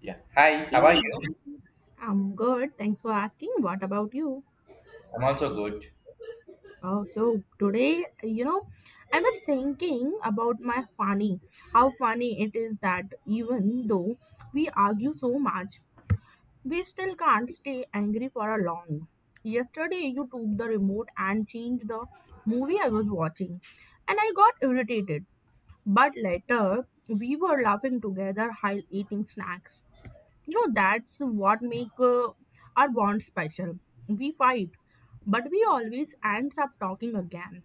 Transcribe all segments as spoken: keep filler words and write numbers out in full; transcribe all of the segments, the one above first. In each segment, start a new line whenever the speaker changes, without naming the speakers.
Yeah. Hi, how are
Hey,
you?
I'm good. Thanks for asking. What about you?
I'm also good.
Oh, so today, you know, I was thinking about my funny, how funny it is that even though we argue so much, we still can't stay angry for a long. Yesterday, you took the remote and changed the movie I was watching, and I got irritated. But later, we were laughing together while eating snacks. You know, that's what make uh, our bond special. We fight, but we always ends up talking again.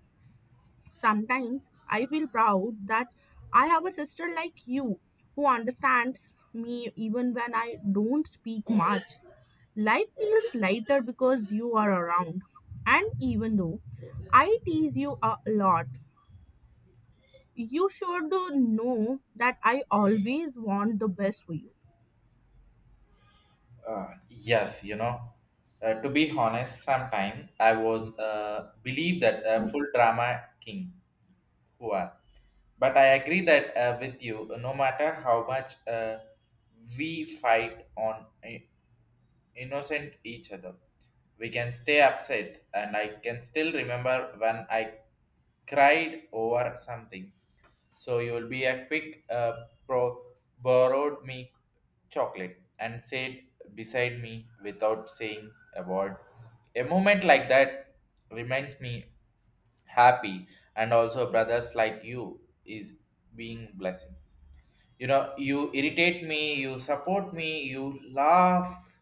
Sometimes I feel proud that I have a sister like you who understands me even when I don't speak much. Life feels lighter because you are around. And even though I tease you a lot, you should know that I always want the best for you.
Uh, yes, you know, uh, to be honest, sometime I was uh, believe that uh, full drama king who are. But I agree that uh, with you, uh, no matter how much uh, we fight on i- innocent each other, we can stay upset. And I can still remember when I cried over something. So you will be a quick uh, pro- borrowed me chocolate and sat beside me without saying a word. A moment like that reminds me happy and also brothers like you is being blessing. You know, you irritate me, you support me, you laugh,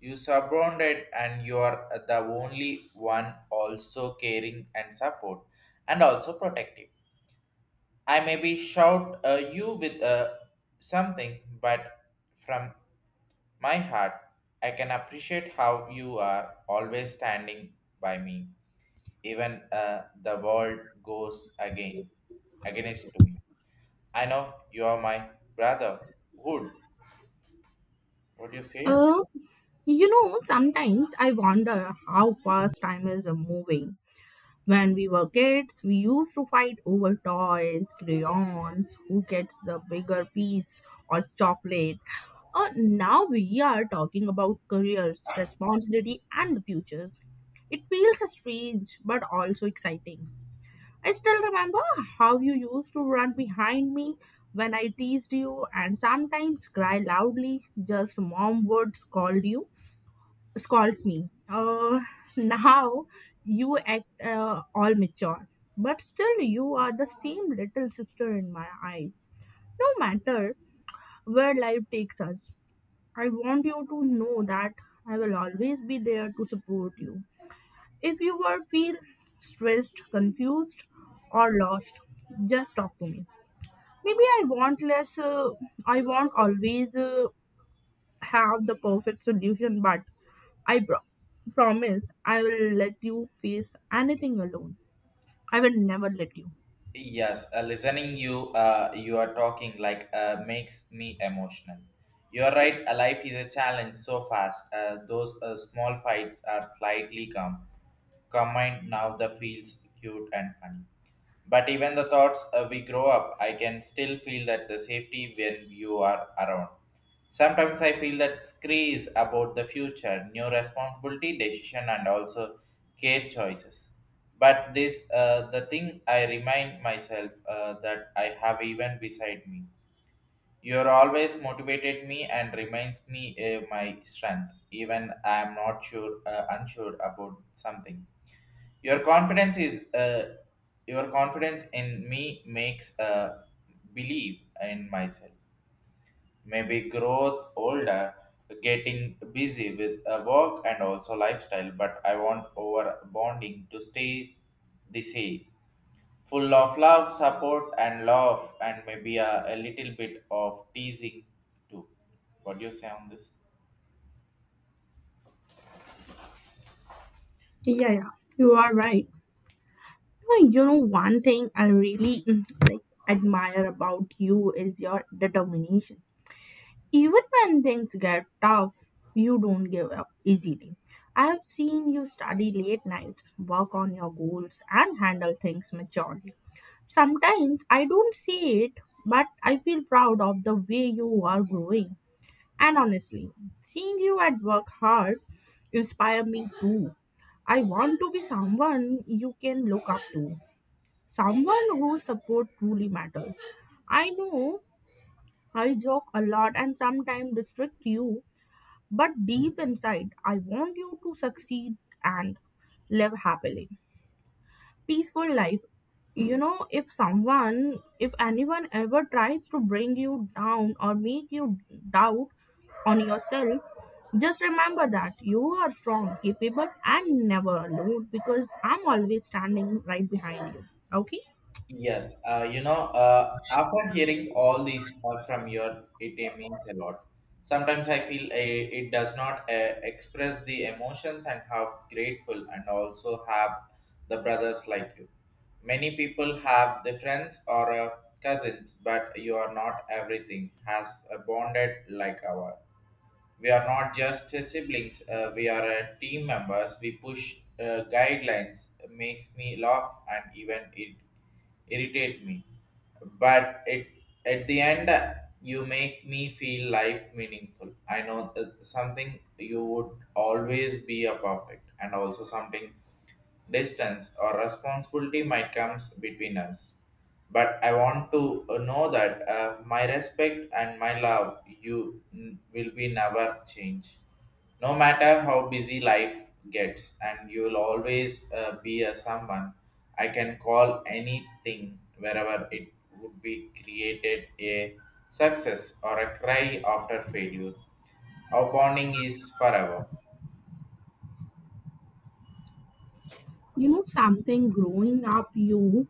you surrounded and you are the only one also caring and support and also protective. I maybe shout uh, you with uh, something, but from my heart, I can appreciate how you are always standing by me, even uh, the world goes again against to me. I know you are my brother. Wood, what do you say?
Oh. You know, sometimes I wonder how fast time is moving. When we were kids, we used to fight over toys, crayons, who gets the bigger piece, or chocolate. Uh, now we are talking about careers, responsibility, and the futures. It feels strange but also exciting. I still remember how you used to run behind me when I teased you and sometimes cry loudly, just mom would scold you scolds me. Uh, now you act uh, all mature, but still you are the same little sister in my eyes. No matter where life takes us, I want you to know that I will always be there to support you. If you ever feel stressed, confused, or lost, just talk to me. Maybe I want less. Uh, I won't always uh, have the perfect solution, but I bro- promise I will let you face anything alone. I will never let you.
Yes, uh, listening you, uh, you are talking like uh, makes me emotional. You are right. A life is a challenge so fast. Uh, those uh, small fights are slightly calm combined now the feels cute and funny. But even the thoughts uh, we grow up, I can still feel that the safety when you are around. Sometimes I feel that screes about the future, new responsibility, decision, and also care choices. But this, uh, the thing I remind myself uh, that I have even beside me. You are always motivated me and reminds me uh, my strength, even I am not sure, uh, unsure about something. Your confidence is uh, your confidence in me makes uh, believe in myself. Maybe growth older, getting busy with uh, work and also lifestyle, but I want over bonding to stay the same, full of love, support, and love, and maybe a, a little bit of teasing too. What do you say on this?
Yeah, yeah, you are right. Well, you know, one thing I really mm, like admire about you is your determination. Even when things get tough, you don't give up easily. I have seen you study late nights, work on your goals, and handle things maturely. Sometimes I don't see it, but I feel proud of the way you are growing. And honestly, seeing you at work hard inspire me too. I want to be someone you can look up to, someone whose support truly matters. I know I joke a lot and sometimes restrict you, but deep inside, I want you to succeed and live happily, peaceful life. You know, if someone if anyone ever tries to bring you down or make you doubt on yourself, just remember that you are strong, capable, and never alone, because I'm always standing right behind you. Okay,
Yes, uh, you know, uh, after hearing all these uh, from your, it, it means a lot. Sometimes I feel uh, it does not uh, express the emotions and how grateful and also have the brothers like you. Many people have the friends or uh, cousins, but you are not everything has uh, bonded like our we are not just uh, siblings uh, we are uh, team members we push uh, guidelines makes me laugh and even it irritate me but it at the end uh, you make me feel life meaningful. I know uh, something you would always be a perfect and also something distance or responsibility might comes between us but I want to uh, know that uh, my respect and my love you n- will be never change. No matter how busy life gets, and you will always uh, be a someone I can call anything wherever it would be created a success or a cry after failure. Our bonding is forever.
you know something, growing up you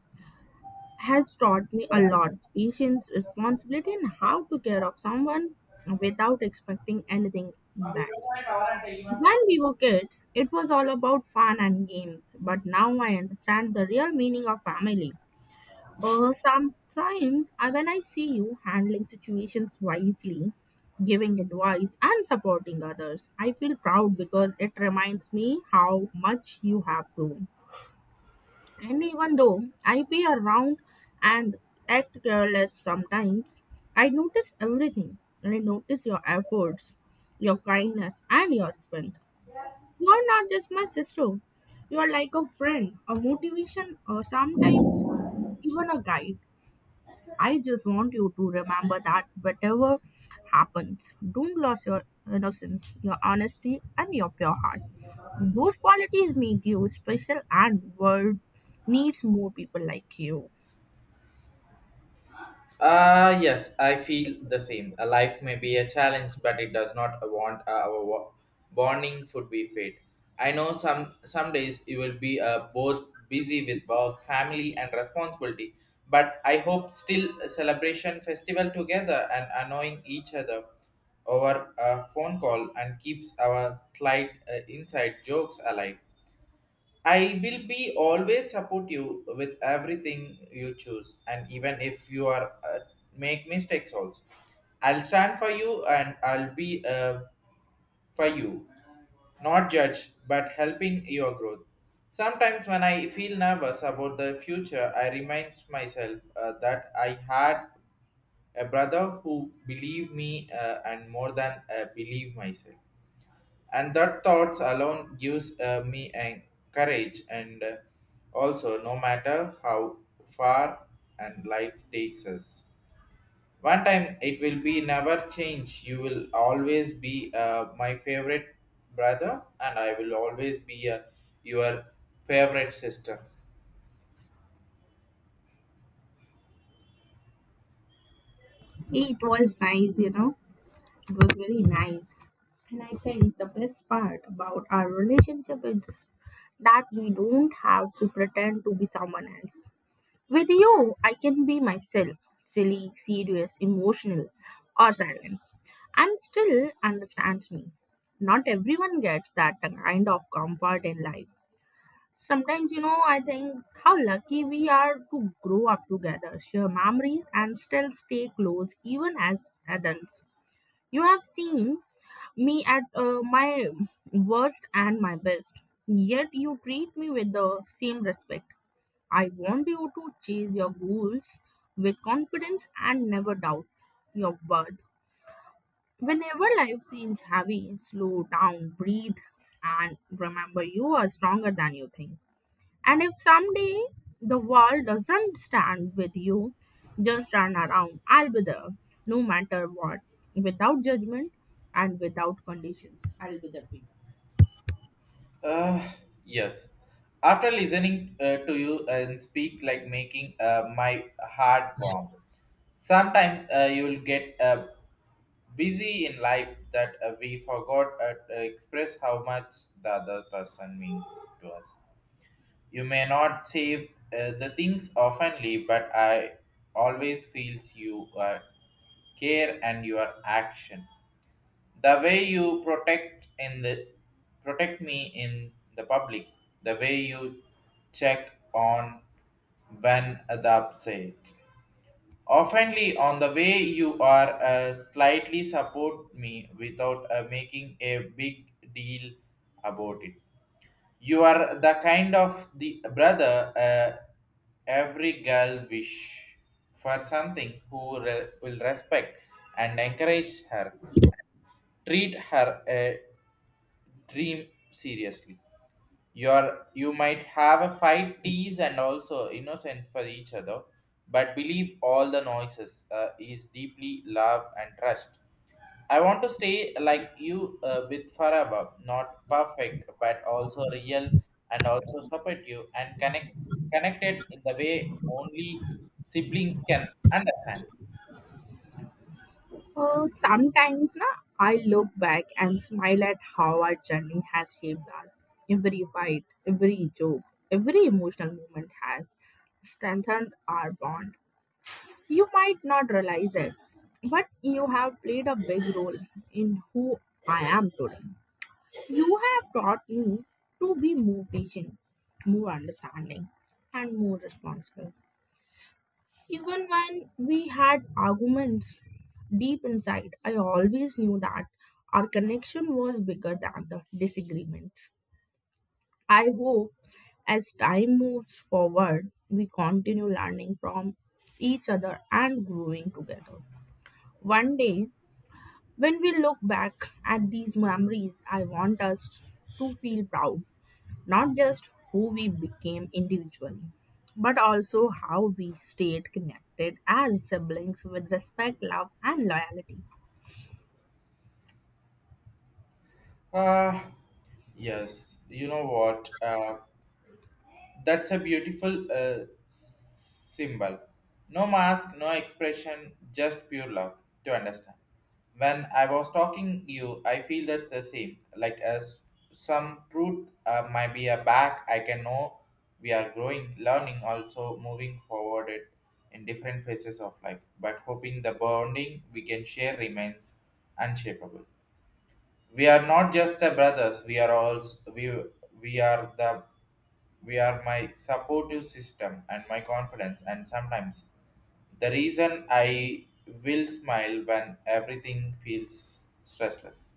has taught me a lot: patience, responsibility, and how to care of someone without expecting anything back. When we were kids, it was all about fun and games, but now I understand the real meaning of family. Uh, sometimes, I, when I see you handling situations wisely, giving advice, and supporting others, I feel proud because it reminds me how much you have grown. And even though I be around and act careless sometimes, I notice everything. I notice your efforts, your kindness, and your strength. You're not just my sister. You're like a friend, a motivation, or sometimes even a guide. I just want you to remember that whatever happens, don't lose your innocence, your honesty, and your pure heart. Those qualities make you special, and world needs more people like you.
Uh, yes, I feel the same. A life may be a challenge, but it does not want uh, our wo- bonding should be fade. I know some some days you will be uh, both busy with work, family, and responsibility. But I hope still a celebration festival together and annoying each other over a phone call and keeps our slight uh, inside jokes alive. I will be always support you with everything you choose, and even if you are uh, make mistakes also, I'll stand for you and I'll be uh, for you, not judge but helping your growth. Sometimes when I feel nervous about the future, I remind myself uh, that I had a brother who believed me uh, and more than uh, believe myself and that thoughts alone gives uh, me an courage and uh, also no matter how far and life takes us one time it will be never change. You will always be uh, my favorite brother and I will always be uh, your favorite sister.
It was nice, you know. It was very nice. And I think the best part about our relationship is that we don't have to pretend to be someone else. With you, I can be myself silly, serious, emotional, or silent, and still understands me. Not everyone gets that kind of comfort in life. Sometimes, you know, I think how lucky we are to grow up together, share memories, and still stay close even as adults. You have seen me at uh, my worst and my best. Yet you treat me with the same respect. I want you to chase your goals with confidence and never doubt your worth. Whenever life seems heavy, slow down, breathe, and remember you are stronger than you think. And if someday the world doesn't stand with you, just turn around. I'll be there, no matter what, without judgment and without conditions.
Uh, yes, after listening uh, to you and speak like making uh, my heart warm. Sometimes uh, you will get uh, busy in life that uh, we forgot uh, to express how much the other person means to us. You may not say uh, the things oftenly, but I always feels you uh, care and your action. The way you protect in the protect me in the public, the way you check on when the upset oftenly, on the way you are uh, slightly support me without uh, making a big deal about it. You are the kind of the brother uh, every girl wish for something who re- will respect and encourage her, treat her a dream seriously. You're you might have a fight tease and also innocent for each other but believe all the noises uh, is deeply love and trust. I want to stay like you uh, with forever not perfect but also real and also support you and connect connected in the way only siblings can understand.
Uh, sometimes na, I look back and smile at how our journey has shaped us. Every fight, every joke, every emotional moment has strengthened our bond. You might not realize it, but you have played a big role in who I am today. You have taught me to be more patient, more understanding, and more responsible. Even when we had arguments deep inside, I always knew that our connection was bigger than the disagreements. I hope as time moves forward, we continue learning from each other and growing together. One day, when we look back at these memories, I want us to feel proud not just who we became individually, but also how we stayed connected as siblings with respect, love, and loyalty.
Uh, yes, you know what uh, that's a beautiful uh, symbol. No mask, no expression, just pure love to understand. When I was talking you, I feel that the same. Like as some truth uh, might be a back, I can know we are growing, learning, also moving forward it in different phases of life. But hoping the bonding we can share remains unshakable. We are not just a brothers. We are also we we are the we are my supportive system and my confidence and sometimes the reason I will smile when everything feels stressless.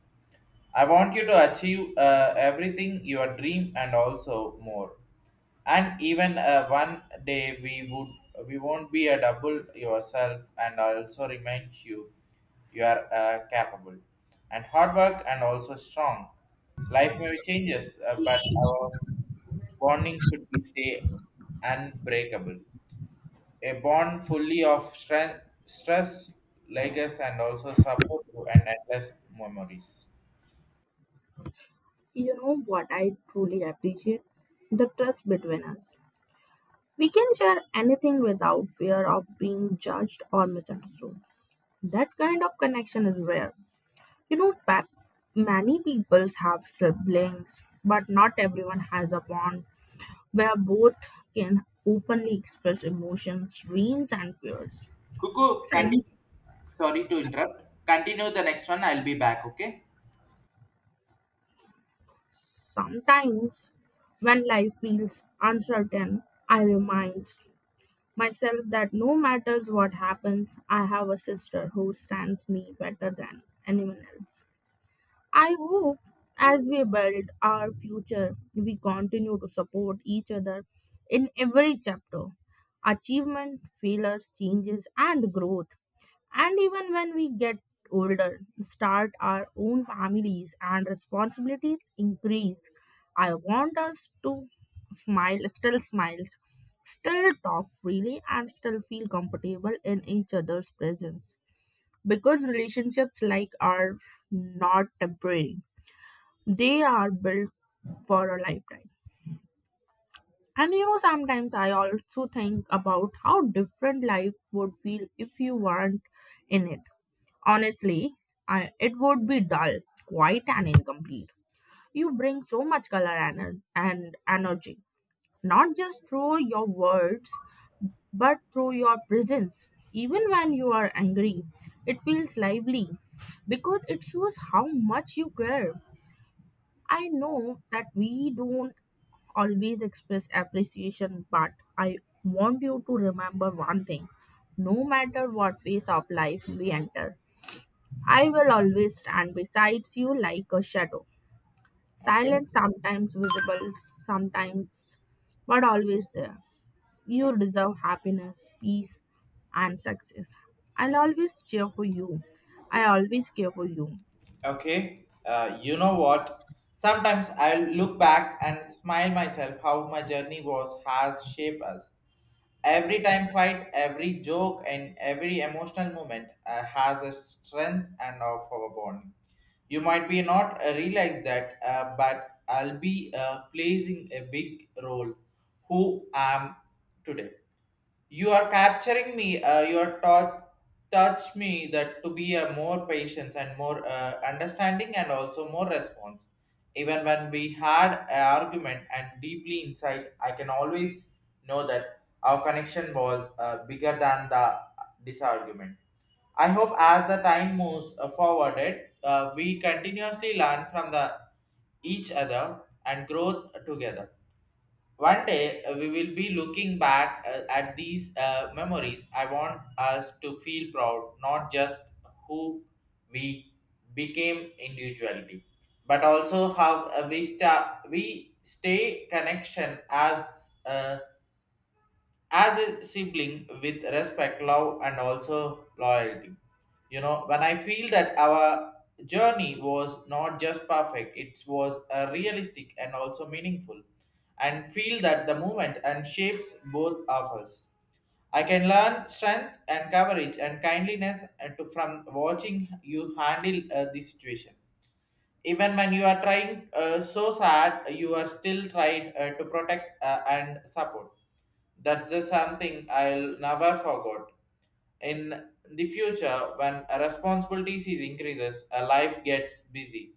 I want you to achieve uh, everything your dream and also more. And even uh, one day we would we won't be a double yourself and also remind you you are uh, capable and hard work and also strong. Life may changes, uh, but our bonding should be stay unbreakable. A bond fully of strength, stress, legacy, and also support and endless memories.
You know what I truly appreciate? The trust between us. We can share anything without fear of being judged or misunderstood. That kind of connection is rare. You know, pa- many people have siblings, but not everyone has a bond where both can openly express emotions, dreams, and fears.
Kuku,
And
continue. Sorry to interrupt. Continue the next one. I'll be back. Okay.
sometimes, when life feels uncertain, I remind myself that no matters what happens, I have a sister who stands me better than anyone else. I hope as we build our future, we continue to support each other in every chapter achievement, failures, changes, and growth. And even when we get older, start our own families and responsibilities increase. I want us to smile, still smiles, still talk freely, and still feel comfortable in each other's presence. Because relationships like are not temporary. They are built for a lifetime. And you know, sometimes I also think about how different life would feel if you weren't in it. Honestly, I, it would be dull, quiet, and incomplete. You bring so much color and, and energy, not just through your words, but through your presence. Even when you are angry, it feels lively because it shows how much you care. I know that we don't always express appreciation, but I want you to remember one thing: no matter what phase of life we enter, I will always stand beside you like a shadow,
Okay,
silent, sometimes visible, sometimes, but always there. You deserve happiness, peace, and success. I'll always cheer for you. I always care for you.
okay. Uh, You know what? Sometimes I'll look back and smile myself how my journey was has shaped us. Every time fight, every joke, and every emotional moment uh, has a strength and of our bond. You might be not uh, realize that, uh, but I'll be uh, placing a big role who I am today. You are capturing me. Uh, you are taught touch me that to be a more patience and more uh, understanding and also more response. Even when we had an argument and deeply inside, I can always know that our connection was uh, bigger than the disargument. I hope as the time moves uh, forwarded, uh, we continuously learn from the each other and grow together. One day uh, we will be looking back uh, at these uh, memories. I want us to feel proud, not just who we became individually, but also how uh, we, sta- we stay connection as uh, as a sibling with respect, love, and also loyalty. You know, when I feel that our journey was not just perfect, it was uh, realistic and also meaningful, and feel that the movement and shapes both of us. I can learn strength and courage and kindliness uh, to, from watching you handle uh, the situation even when you are trying uh, so sad you are still trying uh, to protect uh, and support that's the something I'll never forget in the future when responsibilities is increases a life gets busy.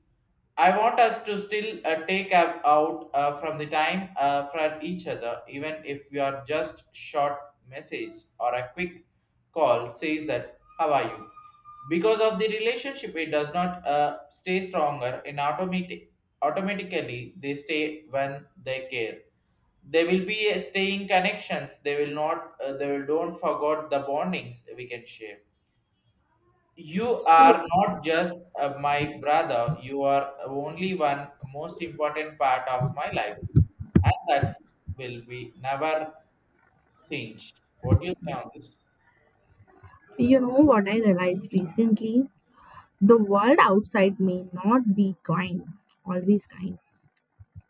I want us to still uh, take up out uh, from the time uh, for each other even if we are just short message or a quick call says that how are you because of the relationship it does not uh, stay stronger and automatic automatically they stay when they care. They will be a staying connections they will not uh, they will don't forget the bondings we can share. You are not just uh, my brother you are only one most important part of my life and that will be never changed. What do you say on this?
You know what I realized recently? The world outside may not be kind, always kind.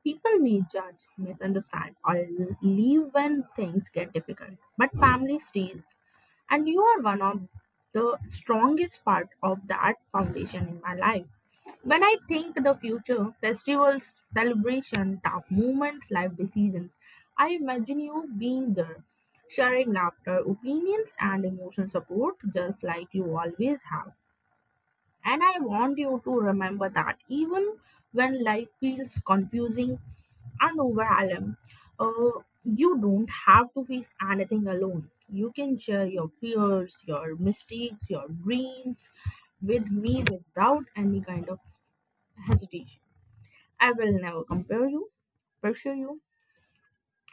People may judge, misunderstand, or leave when things get difficult, but family stays. And you are one of the strongest part of that foundation in my life. When I think the future, festivals, celebration, tough moments, life decisions, I imagine you being there, sharing laughter, opinions, and emotional support, just like you always have. And I want you to remember that even when life feels confusing and overwhelming, uh, you don't have to face anything alone. You can share your fears, your mistakes, your dreams with me without any kind of hesitation. I will never compare you, pressure you.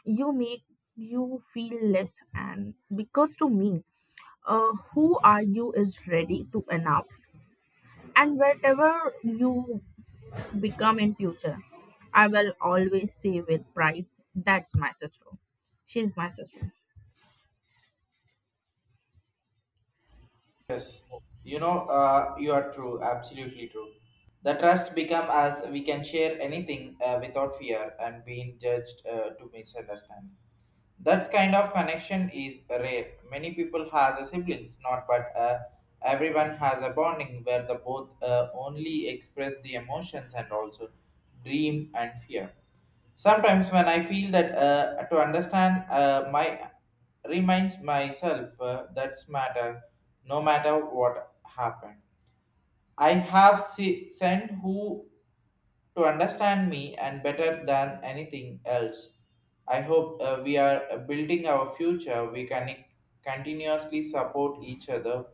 You make you feel less, and because to me, uh, who are you is ready to enough and wherever you become in future. I will always say with pride, that's my sister. She's my sister.
You know, uh, you are true, absolutely true. The trust become as we can share anything uh, without fear and being judged uh, to misunderstand. That kind of connection is rare. Many people has a siblings, not but uh, everyone has a bonding where the both uh, only express the emotions and also dream and fear. Sometimes when I feel that uh, to understand uh, my reminds myself uh, that's matter no matter what happened. I have se- sent who to understand me and better than anything else. I hope uh, we are building our future. We can continuously support each other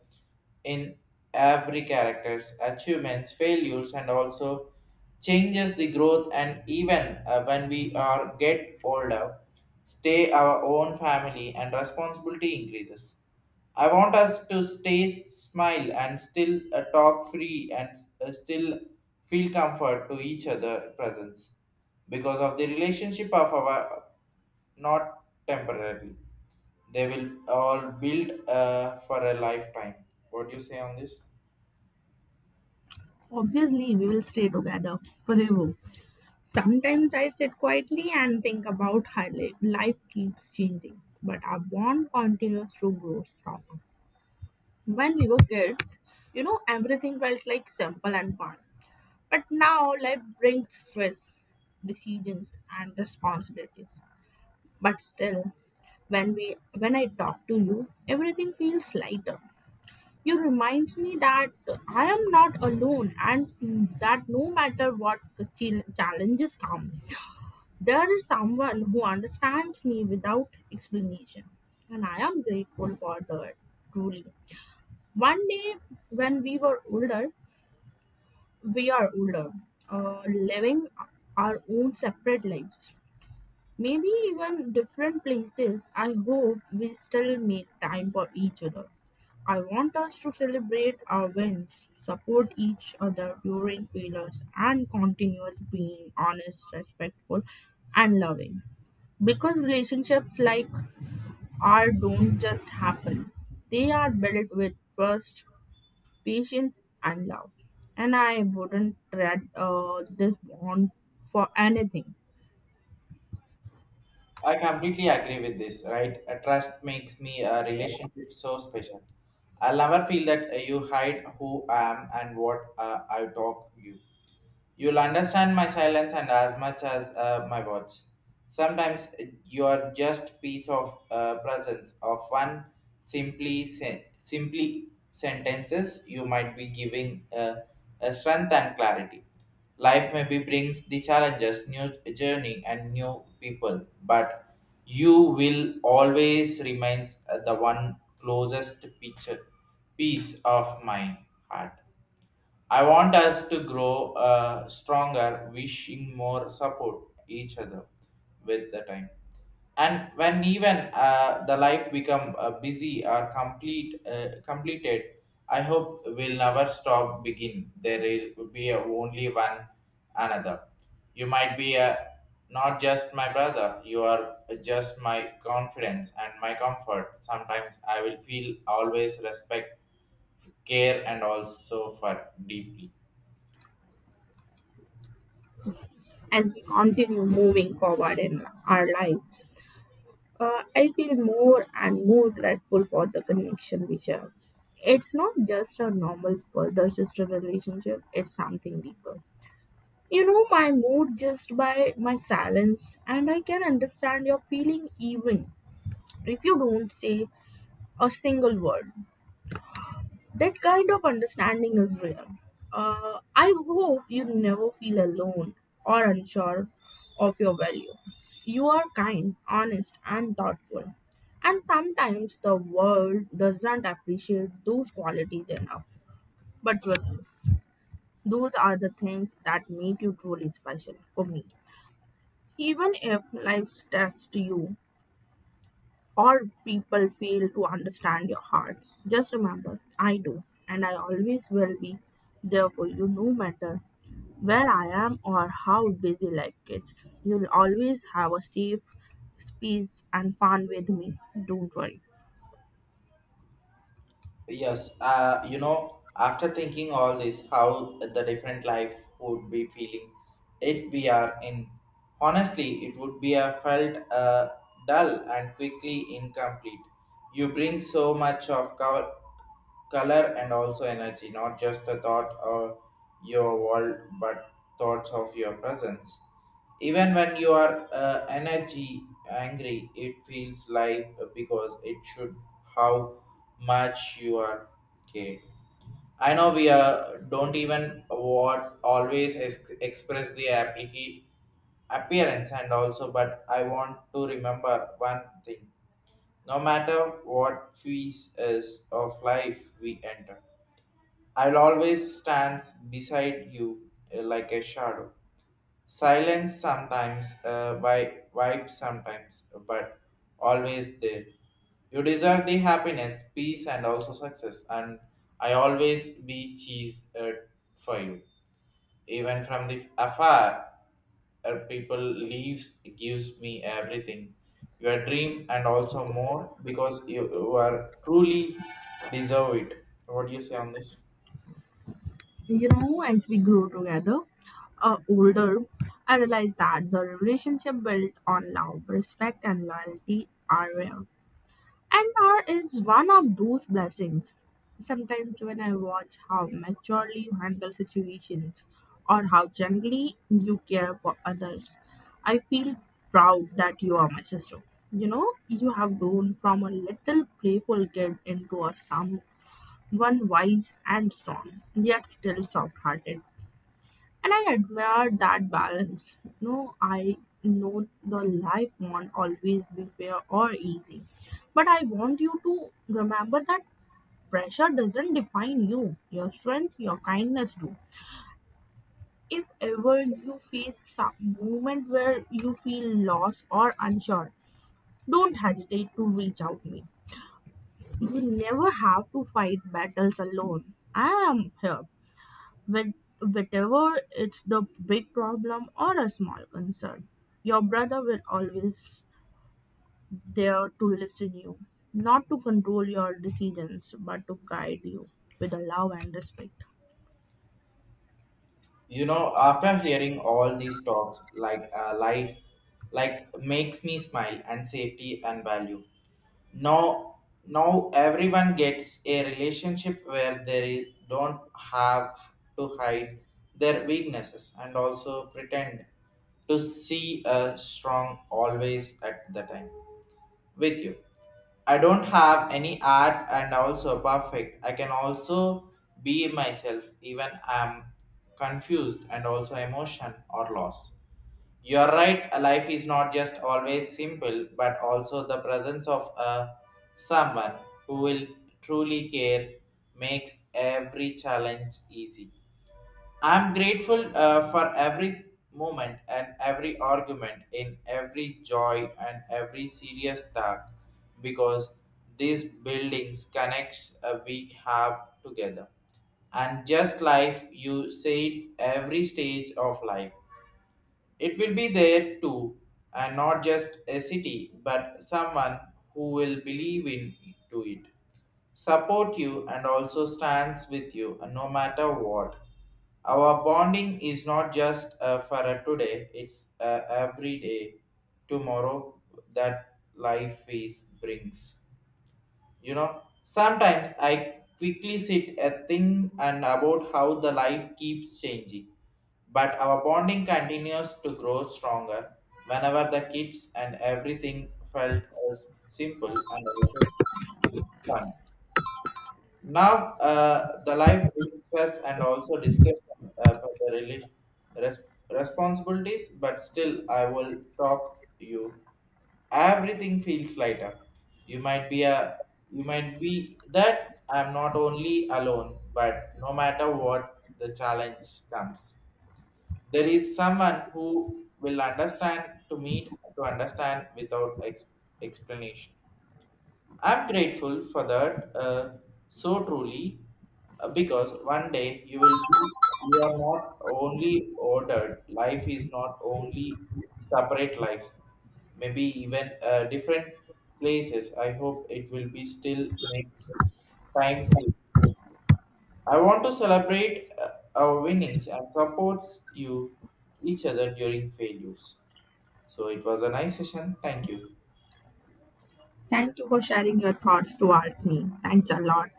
in every character's achievements, failures, and also changes the growth. And even uh, when we are get older, stay our own family and responsibility increases. I want us to stay smile and still uh, talk free and uh, still feel comfort to each other presence because of the relationship of our not temporarily. They will all build uh, for a lifetime. What do you say on this?
Obviously, we will stay together forever. Sometimes I sit quietly and think about how li- life keeps changing, but our bond continues to grow stronger. When we were kids, you know, everything felt like simple and fun. But now life brings stress, decisions, and responsibilities. But still, when we when I talk to you, everything feels lighter. You reminds me that I am not alone and that no matter what ch- challenges come, there is someone who understands me without explanation. And I am grateful for that, truly. One day when we were older, we are older, uh, living our own separate lives. Maybe even different places. I hope we still make time for each other. I want us to celebrate our wins, support each other during failures, and continue being honest, respectful, and loving. Because relationships like ours don't just happen, they are built with trust, patience, and love. And I wouldn't trade uh, this bond for anything.
I completely agree with this, right? A trust makes me a relationship so special. I'll never feel that uh, you hide who I am and what uh, I talk you. You'll understand my silence and as much as uh, my words. Sometimes uh, you are just piece of uh, presence of one simply sen- simply sentences you might be giving uh, a strength and clarity. Life maybe brings the challenges, new journey, and new people, but you will always remains the one closest picture, peace of my heart. I want us to grow uh, stronger, wishing more support each other with the time. And when even uh, the life become uh, busy or complete uh, completed, I hope will never stop begin. There will be a only one another. You might be a, not just my brother. You are just my confidence and my comfort. Sometimes I will feel always respect care and also for deeply.
As we continue moving forward in our lives. Uh, I feel more and more grateful for the connection we share. It's not just a normal brother sister relationship, it's something deeper. You know my mood just by my silence, and I can understand your feeling even if you don't say a single word. That kind of understanding is real. Uh, I hope you never feel alone or unsure of your value. You are kind, honest, and thoughtful. And sometimes the world doesn't appreciate those qualities enough. But trust me, those are the things that make you truly special for me. Even if life tests you, or people fail to understand your heart, just remember I do, and I always will be there for you no matter where I am or how busy life gets. You'll always have a safe space and fun with me. Don't worry.
Yes, uh, you know, after thinking all this, how the different life would be feeling it we are in. Honestly, it would be a felt uh, dull and quickly incomplete. You bring so much of col- color and also energy, not just the thought of your world, but thoughts of your presence. Even when you are uh, energy angry, it feels live because it should how much you are cared. I know we are don't even what always ex- express the applica- appearance and also, but I want to remember one thing. No matter what phase is of life we enter, I'll always stand beside you uh, like a shadow. Silence sometimes, uh, wi- vibe sometimes, but always there. You deserve the happiness, peace, and also success. And I always be cheese uh, for you. Even from the afar, uh, people leaves gives me everything. Your dream and also more because you, you are truly deserve it. What do you say on this?
You know, as we grow together, uh, older, I realized that the relationship built on love, respect, and loyalty are rare. And art is one of those blessings. Sometimes when I watch how maturely you handle situations or how gently you care for others, I feel proud that you are my sister. You know, you have grown from a little playful kid into a someone wise and strong, yet still soft hearted. And I admire that balance. No I know the life won't always be fair or easy, but I want you to remember that pressure doesn't define you, your strength, your kindness do. If ever you face some moment where you feel lost or unsure, don't hesitate to reach out to me. You never have to fight battles alone. I am here. With, Whatever it's the big problem or a small concern, your brother will always there to listen you, not to control your decisions, but to guide you with a love and respect.
You know, after hearing all these talks like uh, life like makes me smile and safety and value now now everyone gets a relationship where they don't have to hide their weaknesses and also pretend to see a strong always at the time with you. I don't have any art and also perfect. I can also be myself even I'm confused and also emotion or loss. You're right, life is not just always simple, but also the presence of a someone who will truly care makes every challenge easy. I'm grateful uh, for every moment and every argument, in every joy and every serious talk, because these buildings connects uh, we have together. And just life, you said every stage of life, it will be there too, and not just a city, but someone who will believe in to it support you and also stands with you uh, no matter what. Our bonding is not just uh, for a today, it's uh, every day, tomorrow that life is brings. You know, sometimes I quickly sit a thing and about how the life keeps changing, but our bonding continues to grow stronger whenever the kids and everything felt as simple and also fun. Now, uh, the life brings stress and also discussion uh, for the relig- res- responsibilities, but still, I will talk to you. Everything feels lighter. You might be a, you might be that I'm not only alone, but no matter what the challenge comes, there is someone who will understand to meet to understand without ex- explanation. I'm grateful for that uh, so truly uh, because one day you will be, you are not only ordered, life is not only separate lives, maybe even uh, different places. I hope it will be still makes time to. I want to celebrate uh, our winnings and supports you each other during failures. So it was a nice session. Thank you.
Thank you for sharing your thoughts toward me. Thanks a lot.